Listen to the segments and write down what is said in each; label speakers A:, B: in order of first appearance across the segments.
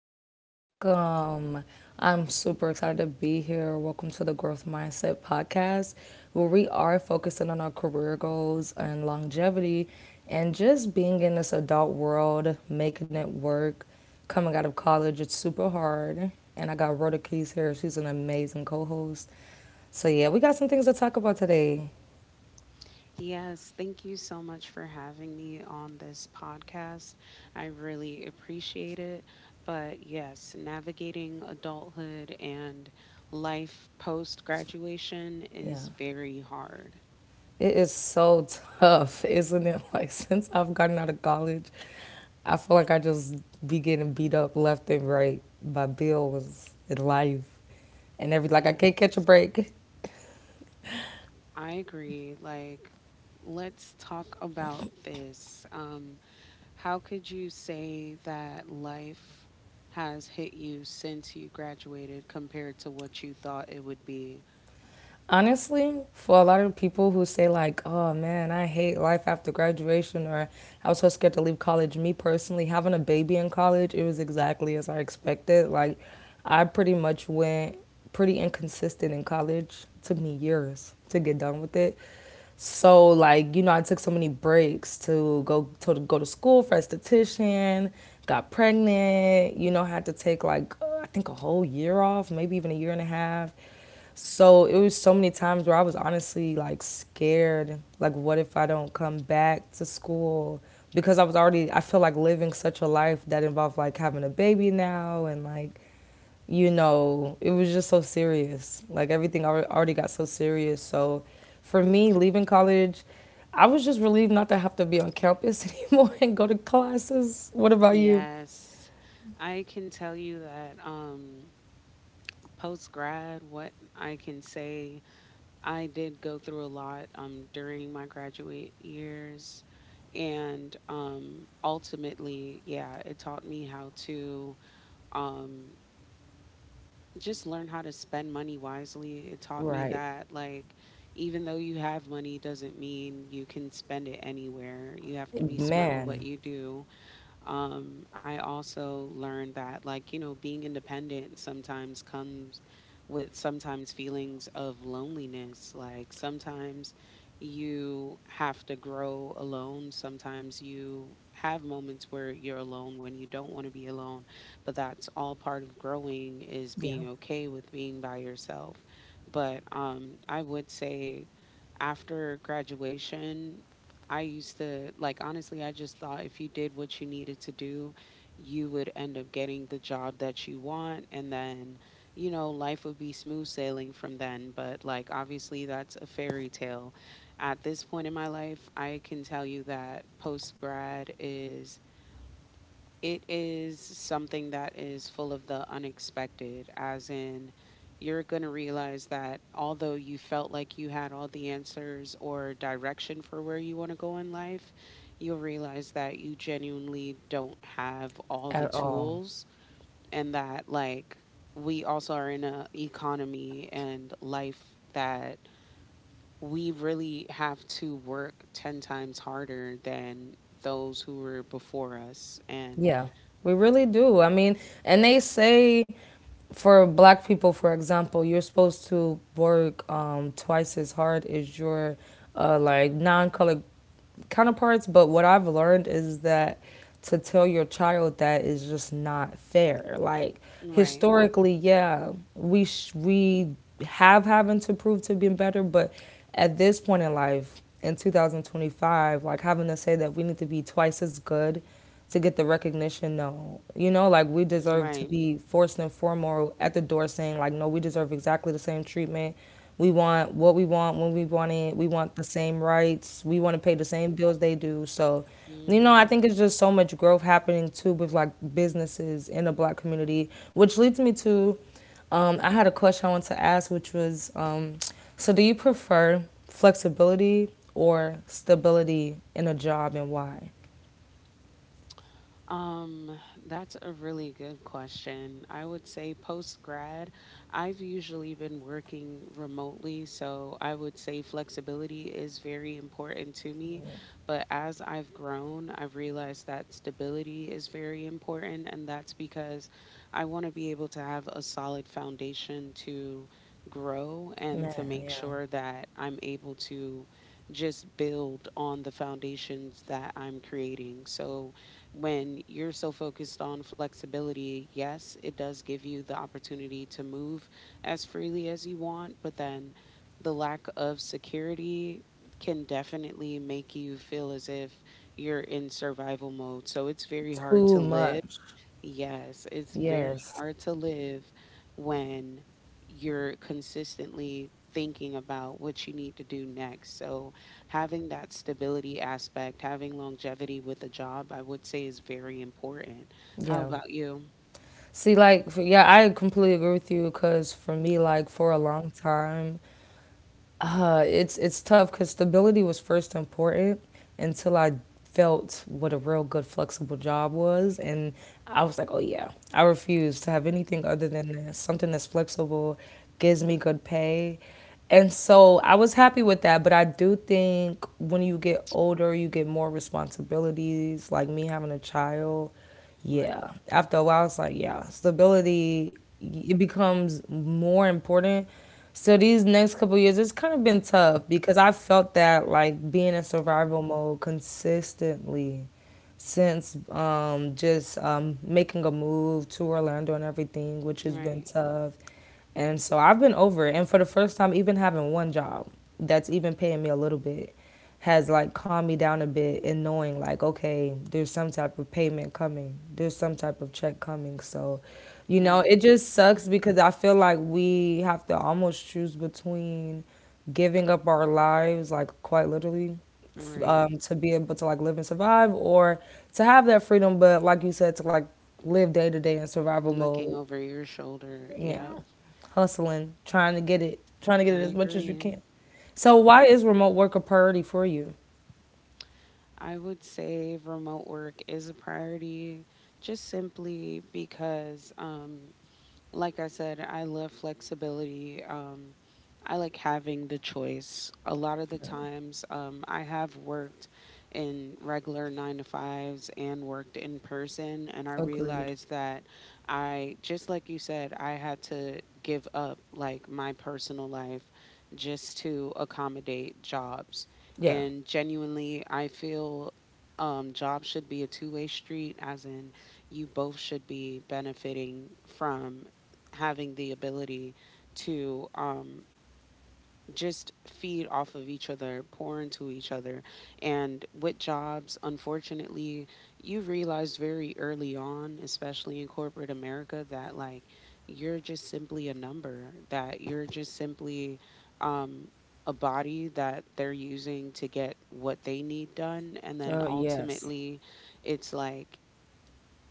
A: Welcome, welcome. I'm super excited to be here. Welcome to the Growth Mindset Podcast, where we are focusing on our career goals and longevity and just being in this adult world, making it work. Coming out of college, it's super hard. And I got Rhoda Keys here. She's an amazing co host. So, yeah, we got some things to talk about today.
B: Yes, thank you so much for having me on this podcast. I really appreciate it. But yes, navigating adulthood and life post graduation
A: Yeah.
B: is very hard.
A: It is so tough, isn't it? Like since I've gotten out of college, I feel like I just be getting beat up left and right by bills and life and everything. Like I can't
B: Yes,
A: catch a break.
B: I agree. Like, let's talk about this. How could you say that life has hit you since you graduated compared to what you thought it would be?
A: Honestly, for a lot of people who say like, "Oh man, I hate life after graduation," or "I was so scared to leave college," me personally, having a baby in college, it was exactly as I expected. Like, I pretty much went pretty inconsistent in college. Took me years to get done with it. So like, I took so many breaks to go to school for esthetician, got pregnant, had to take like I think a whole year off, maybe even 1 year and a half, so it was so many times where I was honestly like scared. Like, what if I don't come back to school? Because I was already, I feel like living such a life that involved like having a baby now and like, you know, it was just so serious. Like, everything already got so serious. So for me, leaving college, I was just relieved not to have to be on campus anymore and go to classes. What about you?
B: Yes, I can tell you that post grad, what I can say, I did go through a lot during my graduate years. And ultimately, yeah, it taught me how to um, just learn how to spend money wisely. It taught me
A: Right.
B: that, like, even though you have money, doesn't mean you can spend it anywhere. You have to be smart with
A: Man,
B: what you do. I also learned that, like, you know, being independent sometimes comes with sometimes feelings of loneliness. Like, sometimes you have to grow alone. Sometimes you have moments where you're alone when you don't want to be alone. But that's all part of growing is being
A: yeah.
B: okay with being by yourself. But I would say after graduation, I used to like honestly, I just thought if you did what you needed to do, you would end up getting the job that you want and then, you know, life would be smooth sailing from then, but like obviously that's a fairy tale. At this point in my life, I can tell you that post grad is it is something that is full of the unexpected, as in, you're going to realize that although you felt like you had all the answers or direction for where you want to go in life, you'll realize that you genuinely don't have all the
A: At all.
B: tools and that, like, we also are in an economy and life that we really have to work 10 times harder than those who were before us. And,
A: Yeah, we really do. I mean, and they say for black people, for example, you're supposed to work twice as hard as your like non-colored counterparts. But what I've learned is that to tell your child that is just not fair. Like
B: right.
A: historically, yeah, we have having to prove to be better, but at this point in life, in 2025, like having to say that we need to be twice as good to get the recognition. No, you know, like we deserve to
B: Right.
A: be first and foremost at the door saying, like, no, we deserve exactly the same treatment. We want what we want when we want it. We want the same rights. We want to pay the same bills they do. So, you know, I
B: Hmm.
A: think it's just so much growth happening too with like businesses in the black community, which leads me to I had a question I wanted to ask, which was so do you prefer flexibility or stability in a job and why?
B: Um, that's a really good question. I would say post grad, I've usually been working remotely, so I would say flexibility is very important to me. But as I've grown, I've realized that stability is very important, and that's because I want to be able to have a solid foundation to grow and to
A: Man,
B: make
A: yeah.
B: sure that I'm able to just build on the foundations that I'm creating. So, when you're so focused on flexibility, yes, it does give you the opportunity to move as freely as you want, but then the lack of security can definitely make you feel as if you're in survival mode. So it's very hard to
A: Too
B: live.
A: much.
B: Yes, it's very
A: Yes.
B: hard to live when you're consistently thinking about what you need to do next. So, having that stability aspect, having longevity with a job, I would say is very important. How
A: Yeah.
B: about you?
A: See, like, for, yeah, I completely agree with you because for me, like, for a long time, it's tough because stability was first important until I felt what a real good flexible job was, and I was like, oh yeah, I refuse to have anything other than this. Something that's flexible gives me good pay, and so I was happy with that. But I do think when you get older, you get more responsibilities. Like me having a child, yeah,
B: Right,
A: after a while, it's like, yeah, stability, it becomes more important. So these next couple years, it's kind of been tough because I felt that like being in survival mode consistently since just making a move to Orlando and everything, which has been
B: right,
A: tough. And so I've been over it. And for the first time, even having one job that's even paying me a little bit has like calmed me down a bit in knowing like, okay, there's some type of payment coming, there's some type of check coming. So, you know,
B: right,
A: it just sucks because I feel like we have to almost choose between giving up our lives, like, quite literally,
B: right.
A: to be able to like live and survive, or to have that freedom but like you said to like live day to day in survival
B: Looking
A: mode.
B: over your shoulder.
A: Yeah,
B: Yep,
A: hustling, trying to get it, trying to get it
B: I
A: as much as you
B: agree.
A: can. So why is remote work a priority for you?
B: I would say remote work is a priority just simply because, like I said, I love flexibility. I like having the choice. A lot of the times, I have worked in regular nine to fives and worked in person, and I
A: Agreed.
B: realized that just like you said, I had to give up like my personal life just to accommodate jobs.
A: Yeah.
B: And genuinely, I feel jobs should be a two-way street, as in you both should be benefiting from having the ability to just feed off of each other, pour into each other. And with jobs, unfortunately, you realize very early on, especially in corporate America, that like you're just simply a number, that you're just simply um, a body that they're using to get what they need done. And then
A: Oh, yes.
B: ultimately, it's like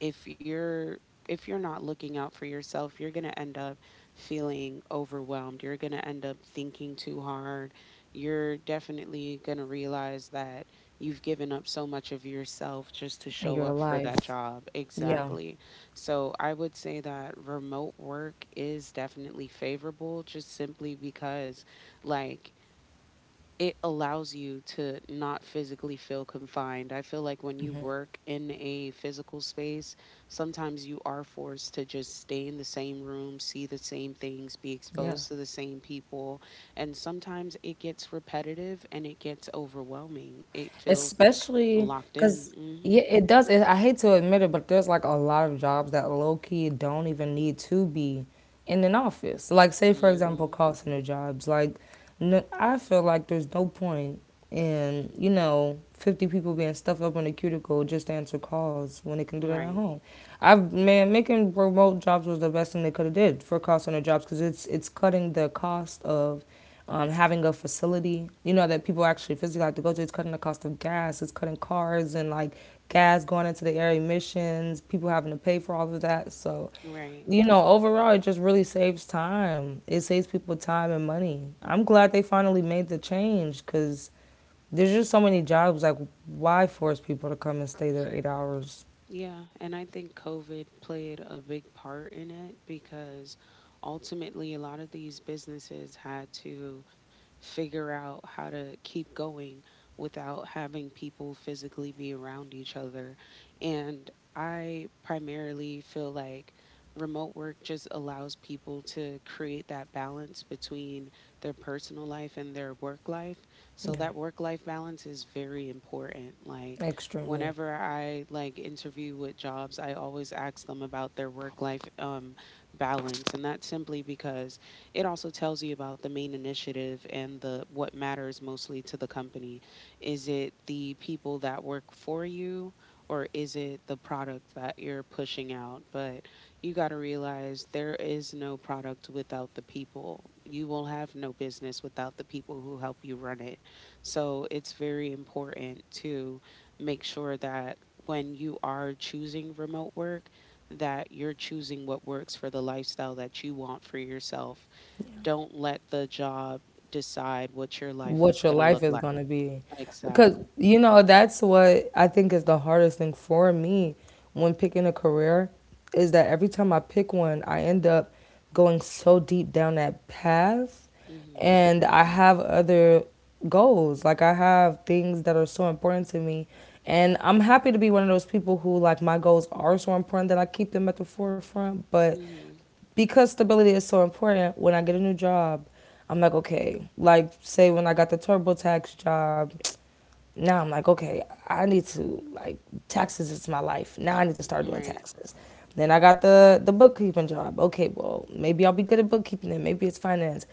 B: if you're if you're not looking out for yourself, you're going to end up feeling overwhelmed. You're going to end up thinking too hard. You're definitely going to realize that you've given up so much of yourself just to
A: And
B: show
A: your
B: up for that
A: life.
B: job.
A: Yeah.
B: Exactly. So I would say that remote work is definitely favorable just simply because, like, it allows you to not physically feel confined. I feel like when you work in a physical space, sometimes you are forced to just stay in the same room, see the same things, be
A: Yeah.
B: exposed to the same people. And sometimes it gets repetitive and it gets overwhelming. It feels
A: Especially
B: locked in.
A: because yeah,
B: Mm
A: it does. It, I hate to admit it, but there's like a lot of jobs that low key don't even need to be in an office. Like say
B: hmm.
A: for example,
B: Mm
A: call center jobs. Like, n I feel like there's no point in you know 50 people being stuffed up in a cuticle just to answer calls when they can do
B: hmm.
A: that at
B: Right.
A: home. I've, man, making remote jobs was the best thing they could have did for call center jobs because it's cutting the cost of having a facility, you know, that people actually physically have to go to. It's cutting the cost of gas, it's cutting cars and like gas going into the air emissions, people having to pay for all of that. So,
B: Right.
A: you know, overall, it just really saves time. It saves people time and money. I'm glad they finally made the change because there's just so many jobs. Like, why force people to come and stay there 8 hours?
B: Yeah, and I think COVID played a big part in it because ultimately a lot of these businesses had to figure out how to keep going without having people physically be around each other. And I primarily feel like remote work just allows people to create that balance between their personal life and their work life. So
A: Yeah,
B: that work life balance is very important. Like
A: extremely.
B: whenever I like interview with jobs, I always ask them about their work life balance, and that's simply because it also tells you about the main initiative and the what matters mostly to the company. Is it the people that work for you? Or is it the product that you're pushing out? But you got to realize there is no product without the people. You will have no business without the people who help you run it. So it's very important to make sure that when you are choosing remote work that you're choosing what works for the lifestyle that you want for yourself. Don't let the job decide what your life
A: What
B: is
A: your
B: going to
A: life
B: look
A: is
B: like.
A: going to be. Because,
B: Exactly.
A: you know, that's what I think is the hardest thing for me when picking a career is that every time I pick one, I end up going so deep down that path,
B: Mhm.
A: and I have other goals. Like, I have things that are so important to me. And I'm happy to be one of those people who, like, my goals are so important that I keep them at the forefront. But
B: Mhm.
A: because stability is so important, when I get a new job, I'm like, okay, like say when I got the TurboTax job, now I'm like, okay, I need to like, taxes is my life. Now I need to start doing
B: Right.
A: taxes. Then I got the bookkeeping job. Okay, well, maybe I'll be good at bookkeeping and maybe it's finance.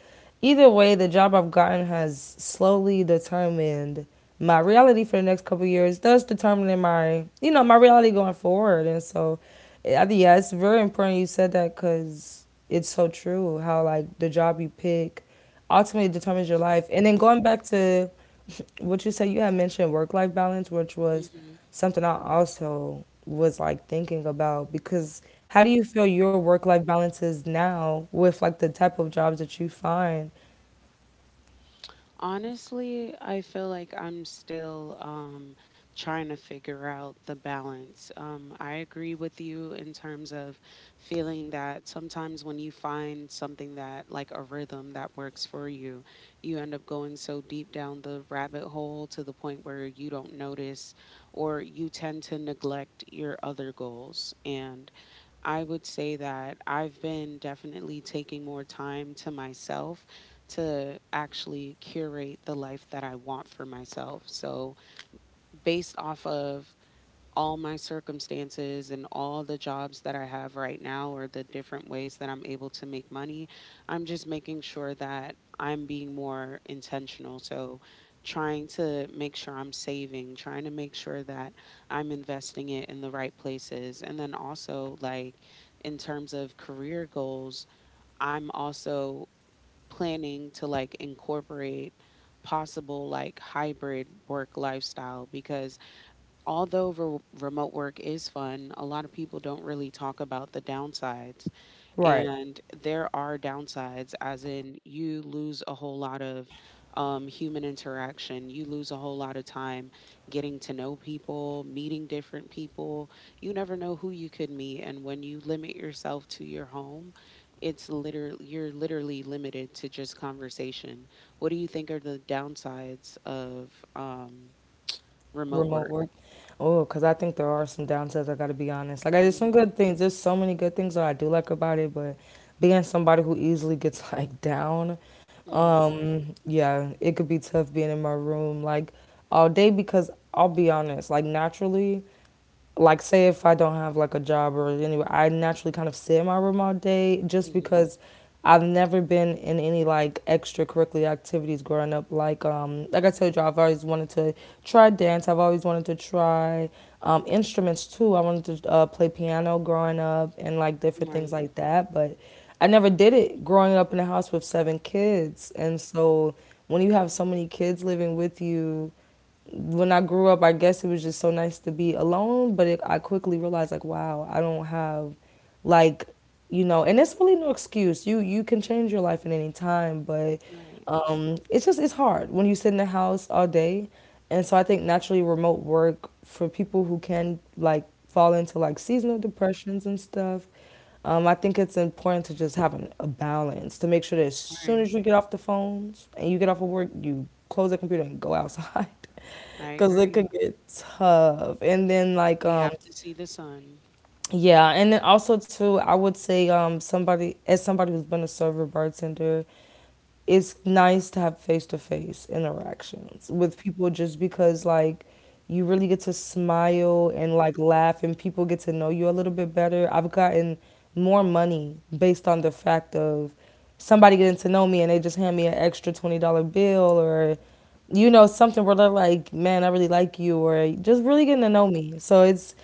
A: Either way, the job I've gotten has slowly determined my reality for the next couple of years, thus determining my, you know, my reality going forward. And so, yeah, it's very important you said that because it's so true. How like the job you pick ultimately determines your life. And then going back to what you said, you had mentioned work life balance, which was
B: Mhm.
A: something I also was like thinking about, because how do you feel your work life balance is now with like the type of jobs that you find?
B: Honestly, I feel like I'm still trying to figure out the balance. I agree with you in terms of feeling that sometimes when you find something that, like a rhythm that works for you, you end up going so deep down the rabbit hole to the point where you don't notice or you tend to neglect your other goals. And I would say that I've been definitely taking more time to myself to actually curate the life that I want for myself. So, based off of all my circumstances and all the jobs that I have right now or the different ways that I'm able to make money. I'm just making sure that I'm being more intentional. So, trying to make sure I'm saving, trying to make sure that I'm investing it in the right places. And then also, like, in terms of career goals, I'm also planning to like incorporate possible like hybrid work lifestyle because although remote work is fun, a lot of people don't really talk about the downsides.
A: Right.
B: And there are downsides, as in you lose a whole lot of human interaction. You lose a whole lot of time getting to know people, meeting different people. You never know who you could meet. And when you limit yourself to your home, it's literally you're literally limited to just conversation. What do you think are the downsides of remote
A: Remote
B: work?
A: work. Oh, because I think there are some downsides. I got to be honest. Like, I there's some good things. There's so many good things that I do like about it, but being somebody who easily gets like down,
B: Mhm,
A: yeah, it could be tough being in my room like all day because I'll be honest, like naturally, like say if I don't have like a job or anyway, I naturally kind of sit in my room all day just
B: mhm.
A: because I've never been in any like extracurricular activities growing up. Like I told you, I've always wanted to try dance. I've always wanted to try instruments too. I wanted to play piano growing up and like different
B: Right,
A: things like that, but I never did it growing up in a house with 7 kids. And so when you have so many kids living with you, when I grew up, I guess it was just so nice to be alone. But it, I quickly realized, like, wow, I don't have, like, you know, and it's really no excuse. You can change your life at any time, but
B: right,
A: it's just it's hard when you sit in the house all day. And so I think naturally remote work for people who can like fall into like seasonal depressions and stuff. I think it's important to just have an, a balance to make sure that as soon
B: right.
A: as you get off the phones and you get off of work, you close the computer and go outside
B: I
A: because it
B: agree.
A: could get tough. And then like
B: You have to see the sun.
A: yeah, and then also too, I would say somebody, as somebody who's been a server bartender, it's nice to have face to face interactions with people just because like you really get to smile and like laugh and people get to know you a little bit better. I've gotten more money based on the fact of somebody getting to know me and they just hand me an extra $20 bill or you know something where they're like, man, I really like you, or just really getting to know me. So it's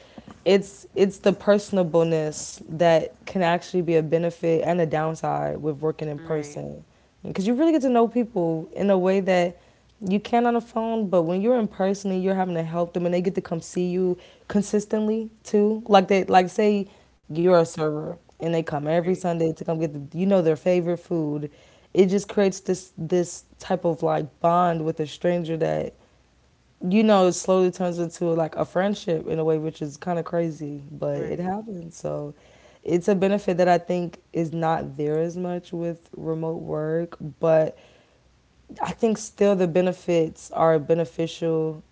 A: it's it's the personableness that can actually be a benefit and a downside with working in
B: Right,
A: person, because you really get to know people in a way that you can on the phone. But when you're in person and you're having to help them, and they get to come see you consistently too, like they like say you're a server and they come every
B: right,
A: Sunday to come get the their favorite food. It just creates this type of like bond with a stranger that it slowly turns into like a friendship in a way, which is kind of crazy but it
B: right,
A: happens. So it's a benefit that I think is not there as much with remote work, but I think still the benefits are beneficial,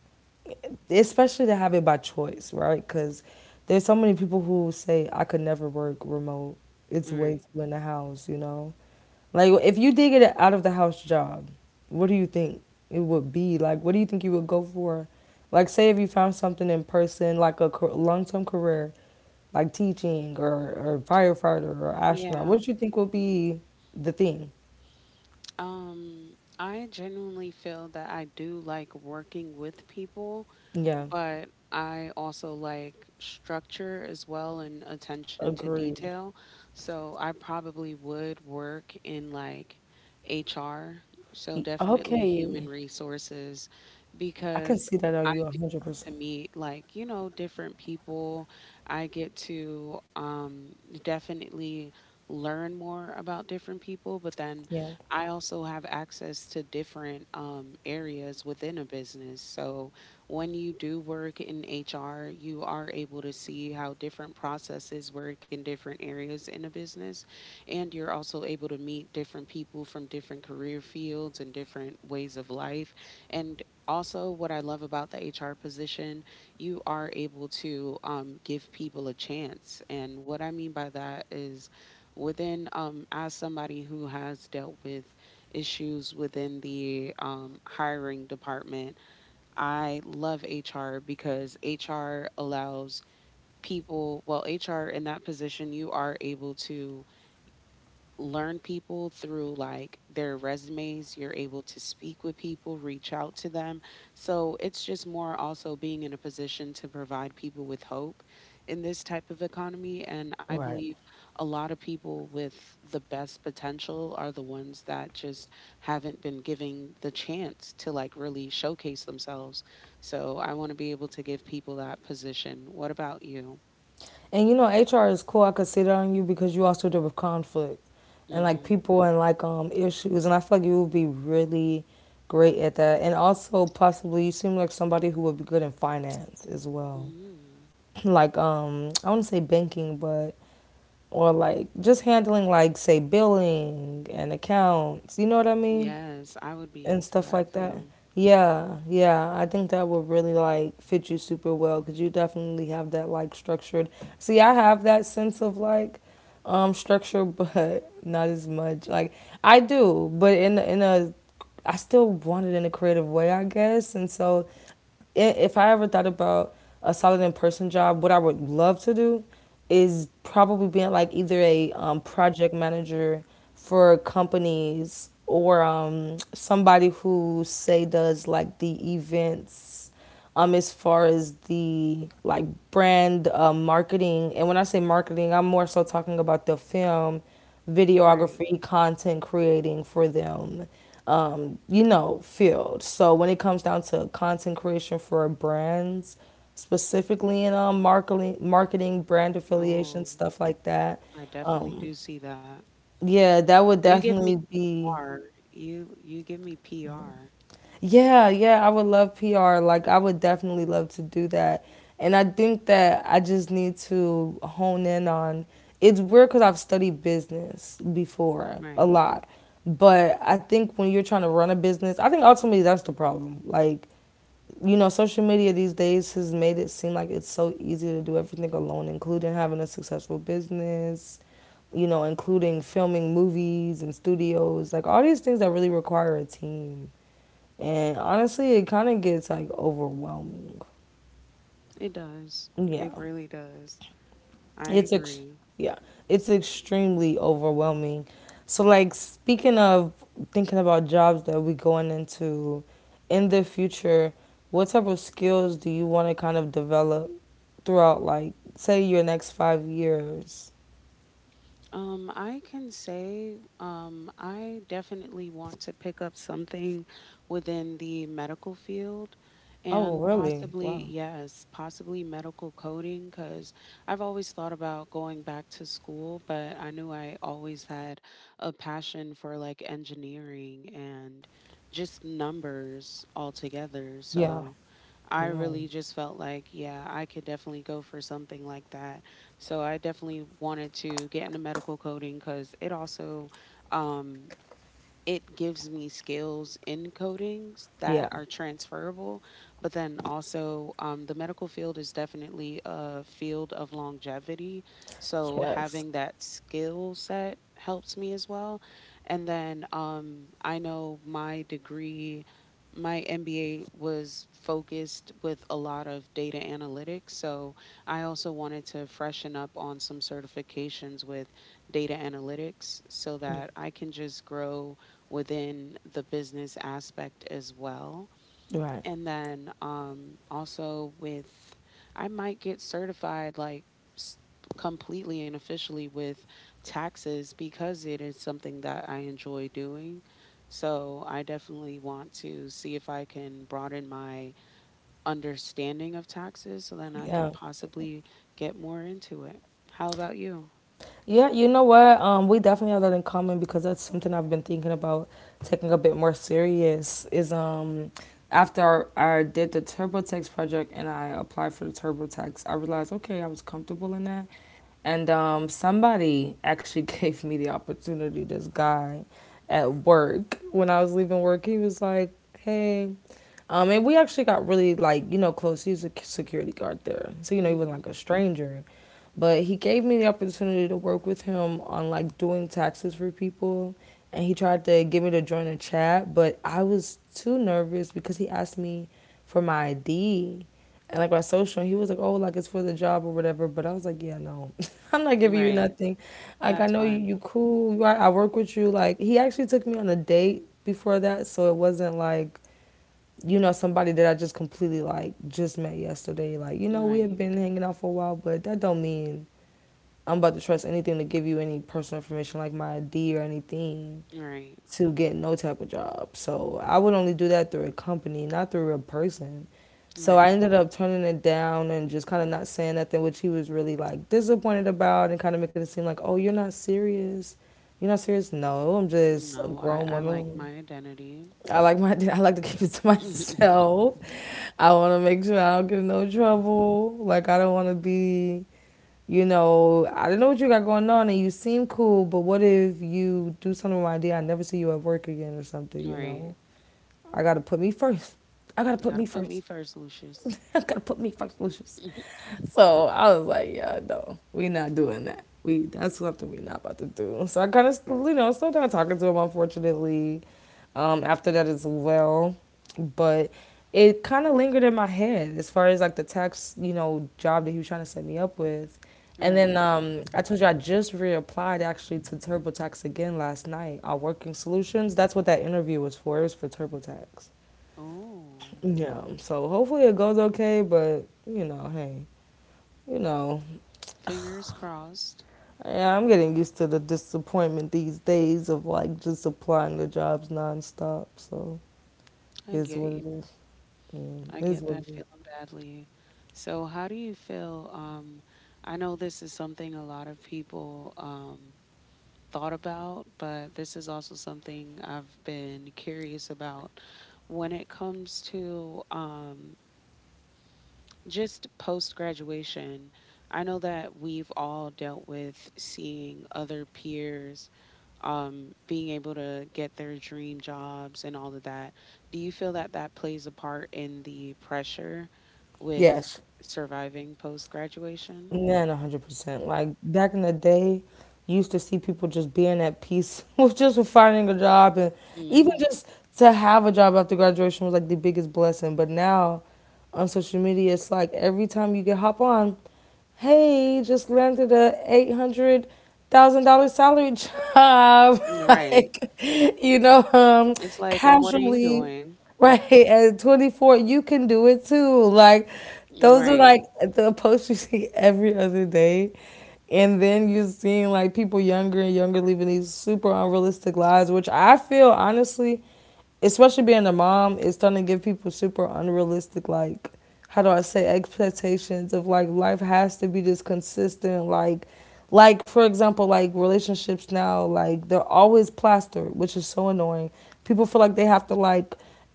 A: especially to have it by choice, right? Because there's so many people who say I could never work remote. It's way
B: right.
A: too in the house. Like if you did get an out of the house job, what do you think it would be? Like what do you think you would go for? Like say if you found something in person, like a long term career, like teaching or firefighter or astronaut.
B: Yeah.
A: What you think would be the thing?
B: I genuinely feel that I do like working with people,
A: Yeah,
B: but I also like structure as well and attention to
A: agreed.
B: detail. So I probably would work in like HR, so definitely human
A: Okay,
B: resources
A: I can
B: because
A: see that
B: I
A: on you one
B: do
A: hundred
B: to
A: percent.
B: meet like, you know, different people. I get to definitely learn more about different people, but then
A: Yeah.
B: I also have access to different areas within a business. So when you do work in HR, you are able to see how different processes work in different areas in a business. And you're also able to meet different people from different career fields and different ways of life. And also, what I love about the HR position, you are able to give people a chance. And what I mean by that is, within as somebody who has dealt with issues within the hiring department, I love HR because HR allows HR in that position, you are able to learn people through like their resumes. You're able to speak with people, reach out to them. So it's just more also being in a position to provide people with hope in this type of economy. And I
A: Right.
B: believe a lot of people with the best potential are the ones that just haven't been given the chance to like really showcase themselves. So I want to be able to give people that position. What about you?
A: And you know, HR is cool. I could see that on you because you also deal with conflict and like
B: Hmm.
A: people and like issues. And I feel like you would be really great at that. And also possibly you seem like somebody who would be good in finance as well.
B: Hmm.
A: Like I wouldn't say banking, but or like just handling like say billing and accounts. You know what I mean?
B: Yes, I would be
A: And
B: into
A: stuff
B: that
A: like that.
B: too.
A: Yeah, yeah, I think that would really like fit you super well because you definitely have that like structured. See, I have that sense of like structure, but not as much. Like I do, but in a I still want it in a creative way, I guess. And so if I ever thought about a solid in person job, what I would love to do is probably being like either a project manager for companies or somebody who say does like the events as far as the like brand marketing. And when I say marketing, I'm more so talking about the film,
B: Right.
A: videography, content creating for them, field. So when it comes down to content creation for brands, specifically in marketing, marketing, brand affiliation,
B: Oh,
A: stuff like that.
B: I definitely
A: Um,
B: do see that.
A: yeah, that would
B: You give me
A: definitely be.
B: R. You give me PR.
A: Yeah, yeah, I would love PR. Like, I would definitely love to do that. And I think that I just need to hone in on it's weird because I've studied business before a
B: Right.
A: lot. But I think when you're trying to run a business, I think ultimately that's the problem. Like, you know, social media these days has made it seem like it's so easy to do everything alone, including having a successful business, you know, including filming movies and studios, like all these things that really require a team. And honestly, it kind of gets like overwhelming.
B: It does.
A: Yeah.
B: It really does. I
A: It's ex-
B: agree.
A: yeah, it's extremely overwhelming. So like speaking of thinking about jobs that we going into in the future, what type of skills do you want to kind of develop throughout like say your next 5 years?
B: I can say I definitely want to pick up something within the medical field
A: Oh,
B: and
A: really?
B: possibly,
A: Wow.
B: yes, possibly medical coding because I've always thought about going back to school, but I knew I always had a passion for like engineering and just numbers altogether.
A: Yeah.
B: So I
A: Wow.
B: really just felt like, yeah, I could definitely go for something like that. So I definitely wanted to get into medical coding because it also um, it gives me skills in codings that
A: Yeah.
B: are transferable. But then also, the medical field is definitely a field of longevity. So
A: Yes.
B: having that skill set helps me as well. And then I know my degree, my MBA was focused with a lot of data analytics. So I also wanted to freshen up on some certifications with data analytics so that I can just grow within the business aspect as well.
A: Right.
B: And then also with, I might get certified like s- completely and officially with taxes because it is something that I enjoy doing. So I definitely want to see if I can broaden my understanding of taxes so then I
A: Yeah.
B: can possibly get more into it. How about you?
A: Yeah, you know what? We definitely have that in common because that's something I've been thinking about taking a bit more serious. Is after I did the TurboTax project and I applied for the TurboTax, I realized okay, I was comfortable in that, and somebody actually gave me the opportunity. This guy at work when I was leaving work, he was like, "Hey." And we actually got really like close. He's a security guard there, so you know he wasn't
B: Hmm.
A: like a stranger. But he gave me the opportunity to work with him on like doing taxes for people. And he tried to get me to join a chat, but I was too nervous because he asked me for my ID and like my social. And he was like, oh, like it's for the job or whatever. But I was like, yeah, no, I'm not giving you
B: Right.
A: nothing. Like, I
B: That's
A: know you,
B: fine.
A: you cool. I work with you. Like, he actually took me on a date before that. So it wasn't like, you know, somebody that I just completely like just met yesterday. Like, you know, we had
B: Right.
A: been hanging out for a while, but that don't mean I'm about to trust anything to give you any personal information like my ID or anything
B: Right.
A: to get no type of job. So I would only do that through a company, not through a person. So I
B: Right.
A: ended up turning it down and just kind of not saying nothing, which he was really like disappointed about and kind of making it seem like, oh, you're not serious. You're not serious? No, I'm just a
B: No, I,
A: grown
B: I like
A: woman.
B: my identity.
A: I like my I like to keep it to myself. I want to make sure I don't get in no trouble. Like I don't want to be I don't know what you got going on and you seem cool, but what if you do something with my idea? I never see you at work again or something, you
B: Right.
A: know? I gotta put me first. I gotta put
B: Gotta
A: me
B: put me
A: first.
B: first, Lucius.
A: I gotta put me first, Lucius. So I was like, yeah, no, we not doing that. We that's something we not about to do. So I kind of slowed down talking to him, unfortunately. After that as well, but it kind of lingered in my head as far as like the tax job that he was trying to set me up with. And then
B: Right.
A: I told you I just reapplied actually to TurboTax again last night on Working Solutions. That's what that interview was for. It was for TurboTax.
B: Oh,
A: Yeah. So hopefully it goes okay, but you know, hey, you know,
B: fingers crossed.
A: yeah, I'm getting used to the disappointment these days of like just applying to jobs nonstop. So it
B: I
A: is
B: get
A: what
B: you.
A: it is. Mm,
B: I
A: it is
B: get
A: what
B: that
A: it is.
B: feeling badly. So, how do you feel? I know this is something a lot of people thought about, but this is also something I've been curious about when it comes to just post graduation, I know that we've all dealt with seeing other peers being able to get their dream jobs and all of that. Do you feel that that plays a part in the pressure with
A: Yes.
B: surviving post graduation?
A: Man, 100%. Like back in the day, you used to see people just being at peace with just with finding a job and even
B: Hmm.
A: just to have a job after graduation was like the biggest blessing. But now on social media, it's like every time you get hop on, hey, just landed a $800,000 salary job.
B: Right.
A: Like, you know,
B: It's like, and what are you
A: casually.
B: doing?
A: Right, at 24, you can do it too. Like, those are
B: Right.
A: like the posts you see every other day. And then you're seeing like people younger and younger living these super unrealistic lives, which I feel honestly, especially being a mom, is starting to give people super unrealistic, like, how do I say, expectations of like life has to be just consistent. Like for example, like relationships now, like they're always plastered, which is so annoying. People feel like they have to like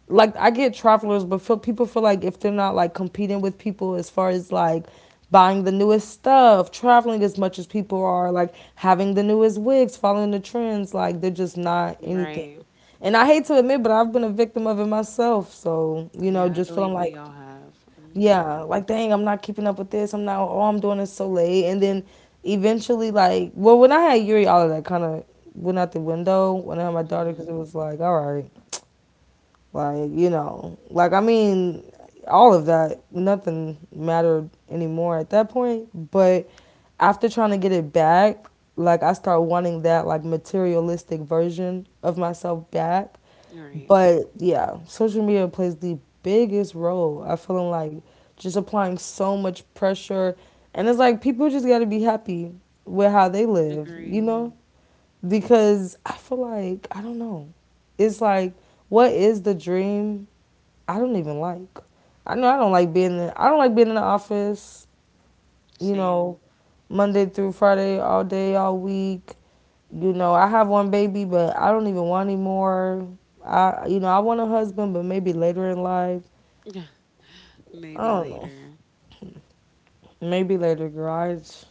A: like I get travelers, but feel, people feel like if they're not like competing with people as far as like buying the newest stuff, traveling as much as people are, like having the newest wigs, following the trends, like they're just not anything.
B: Right.
A: And I hate to admit, but I've been a victim of it myself. So
B: Yeah, I
A: just feeling
B: believe
A: like,
B: we all have. Mm-hmm.
A: yeah, like dang, I'm not keeping up with this. I'm not. Oh, I'm doing this so late. And then eventually, like, well, when I had Yuri, all of that kind of went out the window when I had my daughter because
B: Mm-hmm.
A: it was like, all right, like, you know, like, I mean, all of that, nothing mattered anymore at that point. But after trying to get it back, like, I start wanting that, like, materialistic version of myself back.
B: All right.
A: But yeah, social media plays the biggest role. I feel like just applying so much pressure. And it's like people just got to be happy with how they live, you
B: Agreed.
A: know? Because I feel like, I don't know. It's like, what is the dream I don't even like. I know I don't like being. In, I don't like being in the office. You know,
B: Same.
A: Monday through Friday, all day, all week. You know, I have one baby, but I don't even want any more. I want a husband, but maybe later in life. I
B: Maybe
A: don't know.
B: later.
A: Maybe later, garage.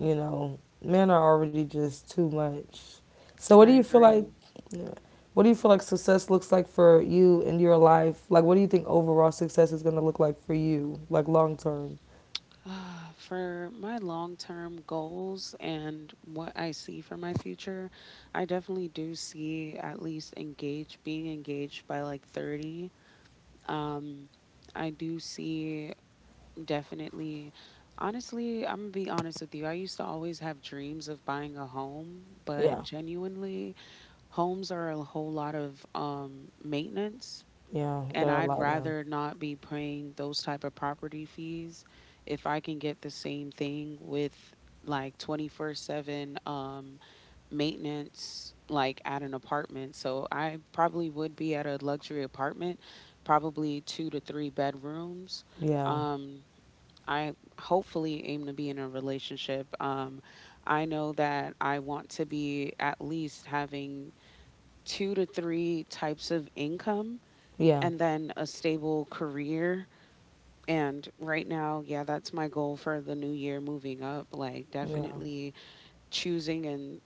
A: You know, men are already just too much. So, what do
B: I
A: you feel like?
B: agree.
A: Yeah, what do you feel like success looks like for you in your life? Like, what do you think overall success is going to look like for you, like long term?
B: Ah, for my long term goals and what I see for my future, I definitely do see at least engaged, being engaged by like 30. Um, I do see definitely, honestly, I'm gonna be honest with you. I used to always have dreams of buying a home, but
A: Yeah.
B: genuinely, homes are a whole lot of maintenance,
A: Yeah, there
B: and
A: are a
B: I'd
A: lot now.
B: rather not be paying those type of property fees if I can get the same thing with like 24/7 maintenance like at an apartment. So I probably would be at a luxury apartment, probably 2 to 3 bedrooms.
A: Yeah,
B: Um I hopefully aim to be in a relationship. I know that I want to be at least having 2 to 3 types of income
A: yeah,
B: and then a stable career. And right now, yeah, that's my goal for the new year moving up. Like,
A: yeah,
B: definitely choosing and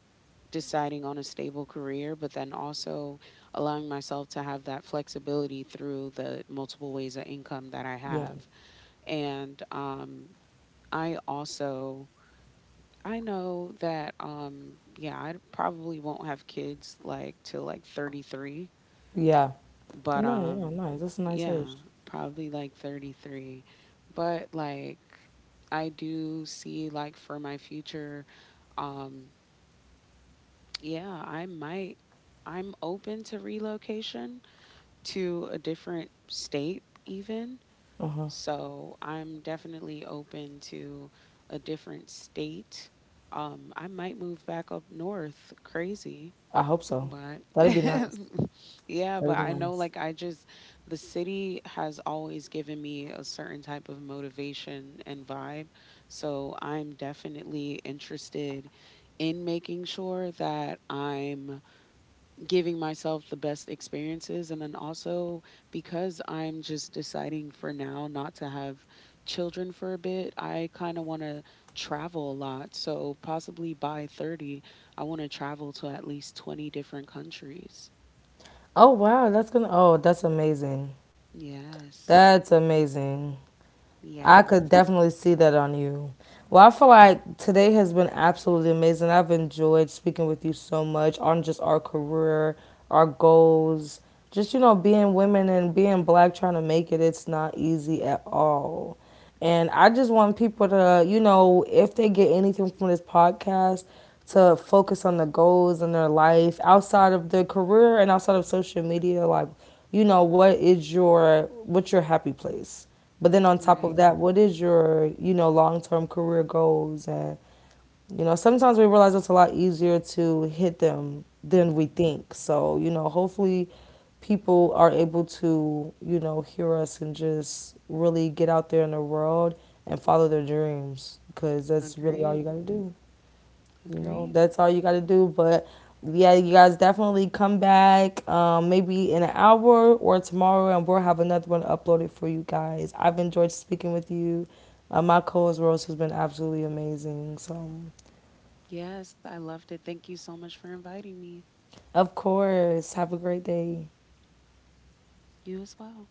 B: deciding on a stable career, but then also allowing myself to have that flexibility through the multiple ways of income that I
A: yeah,
B: have. And I also. I know that yeah, I probably won't have kids like till like 33,
A: yeah.
B: but
A: No, yeah,
B: um
A: nice. That's a nice
B: yeah,
A: age.
B: probably like 33. But like, I do see like for my future, um yeah, I might, I'm open to relocation to a different state even.
A: Uh huh.
B: So I'm definitely open to a different state. I might move back up north, crazy,
A: I hope so.
B: but
A: That'd be nice.
B: yeah,
A: That'd
B: but
A: be
B: I know
A: nice.
B: like I just, the city has always given me a certain type of motivation and vibe. So I'm definitely interested in making sure that I'm giving myself the best experiences, and then also because I'm just deciding for now not to have children for a bit, I kind of want to travel a lot. So possibly by 30, I want to travel to at least 20 different countries.
A: Oh wow, that's gonna. Oh, that's amazing.
B: Yes.
A: That's amazing. I could
B: Yes.
A: definitely see that on you. Well, I feel like today has been absolutely amazing. I've enjoyed speaking with you so much on just our career, our goals, just, you know, being women and being black trying to make it. It's not easy at all. And I just want people to, you know, if they get anything from this podcast, to focus on the goals in their life outside of their career and outside of social media. Like, you know, what is your, what's your happy place? But then on top
B: Right.
A: of that, what is your, you know, long term career goals? And, you know, sometimes we realize it's a lot easier to hit them than we think. So, you know, hopefully people are able to, you know, hear us and just really get out there in the world and follow their dreams because that's really all you
B: Agreed.
A: got to do. You know
B: Agreed.
A: that's all you got to do but yeah you guys definitely come back, maybe in an hour or tomorrow and we'll have another one uploaded for you guys. I've enjoyed speaking with you. My co-host Rose has been absolutely amazing. So
B: Yes, I loved it. Thank you so much for inviting me.
A: of course, have a great day.
B: You as well.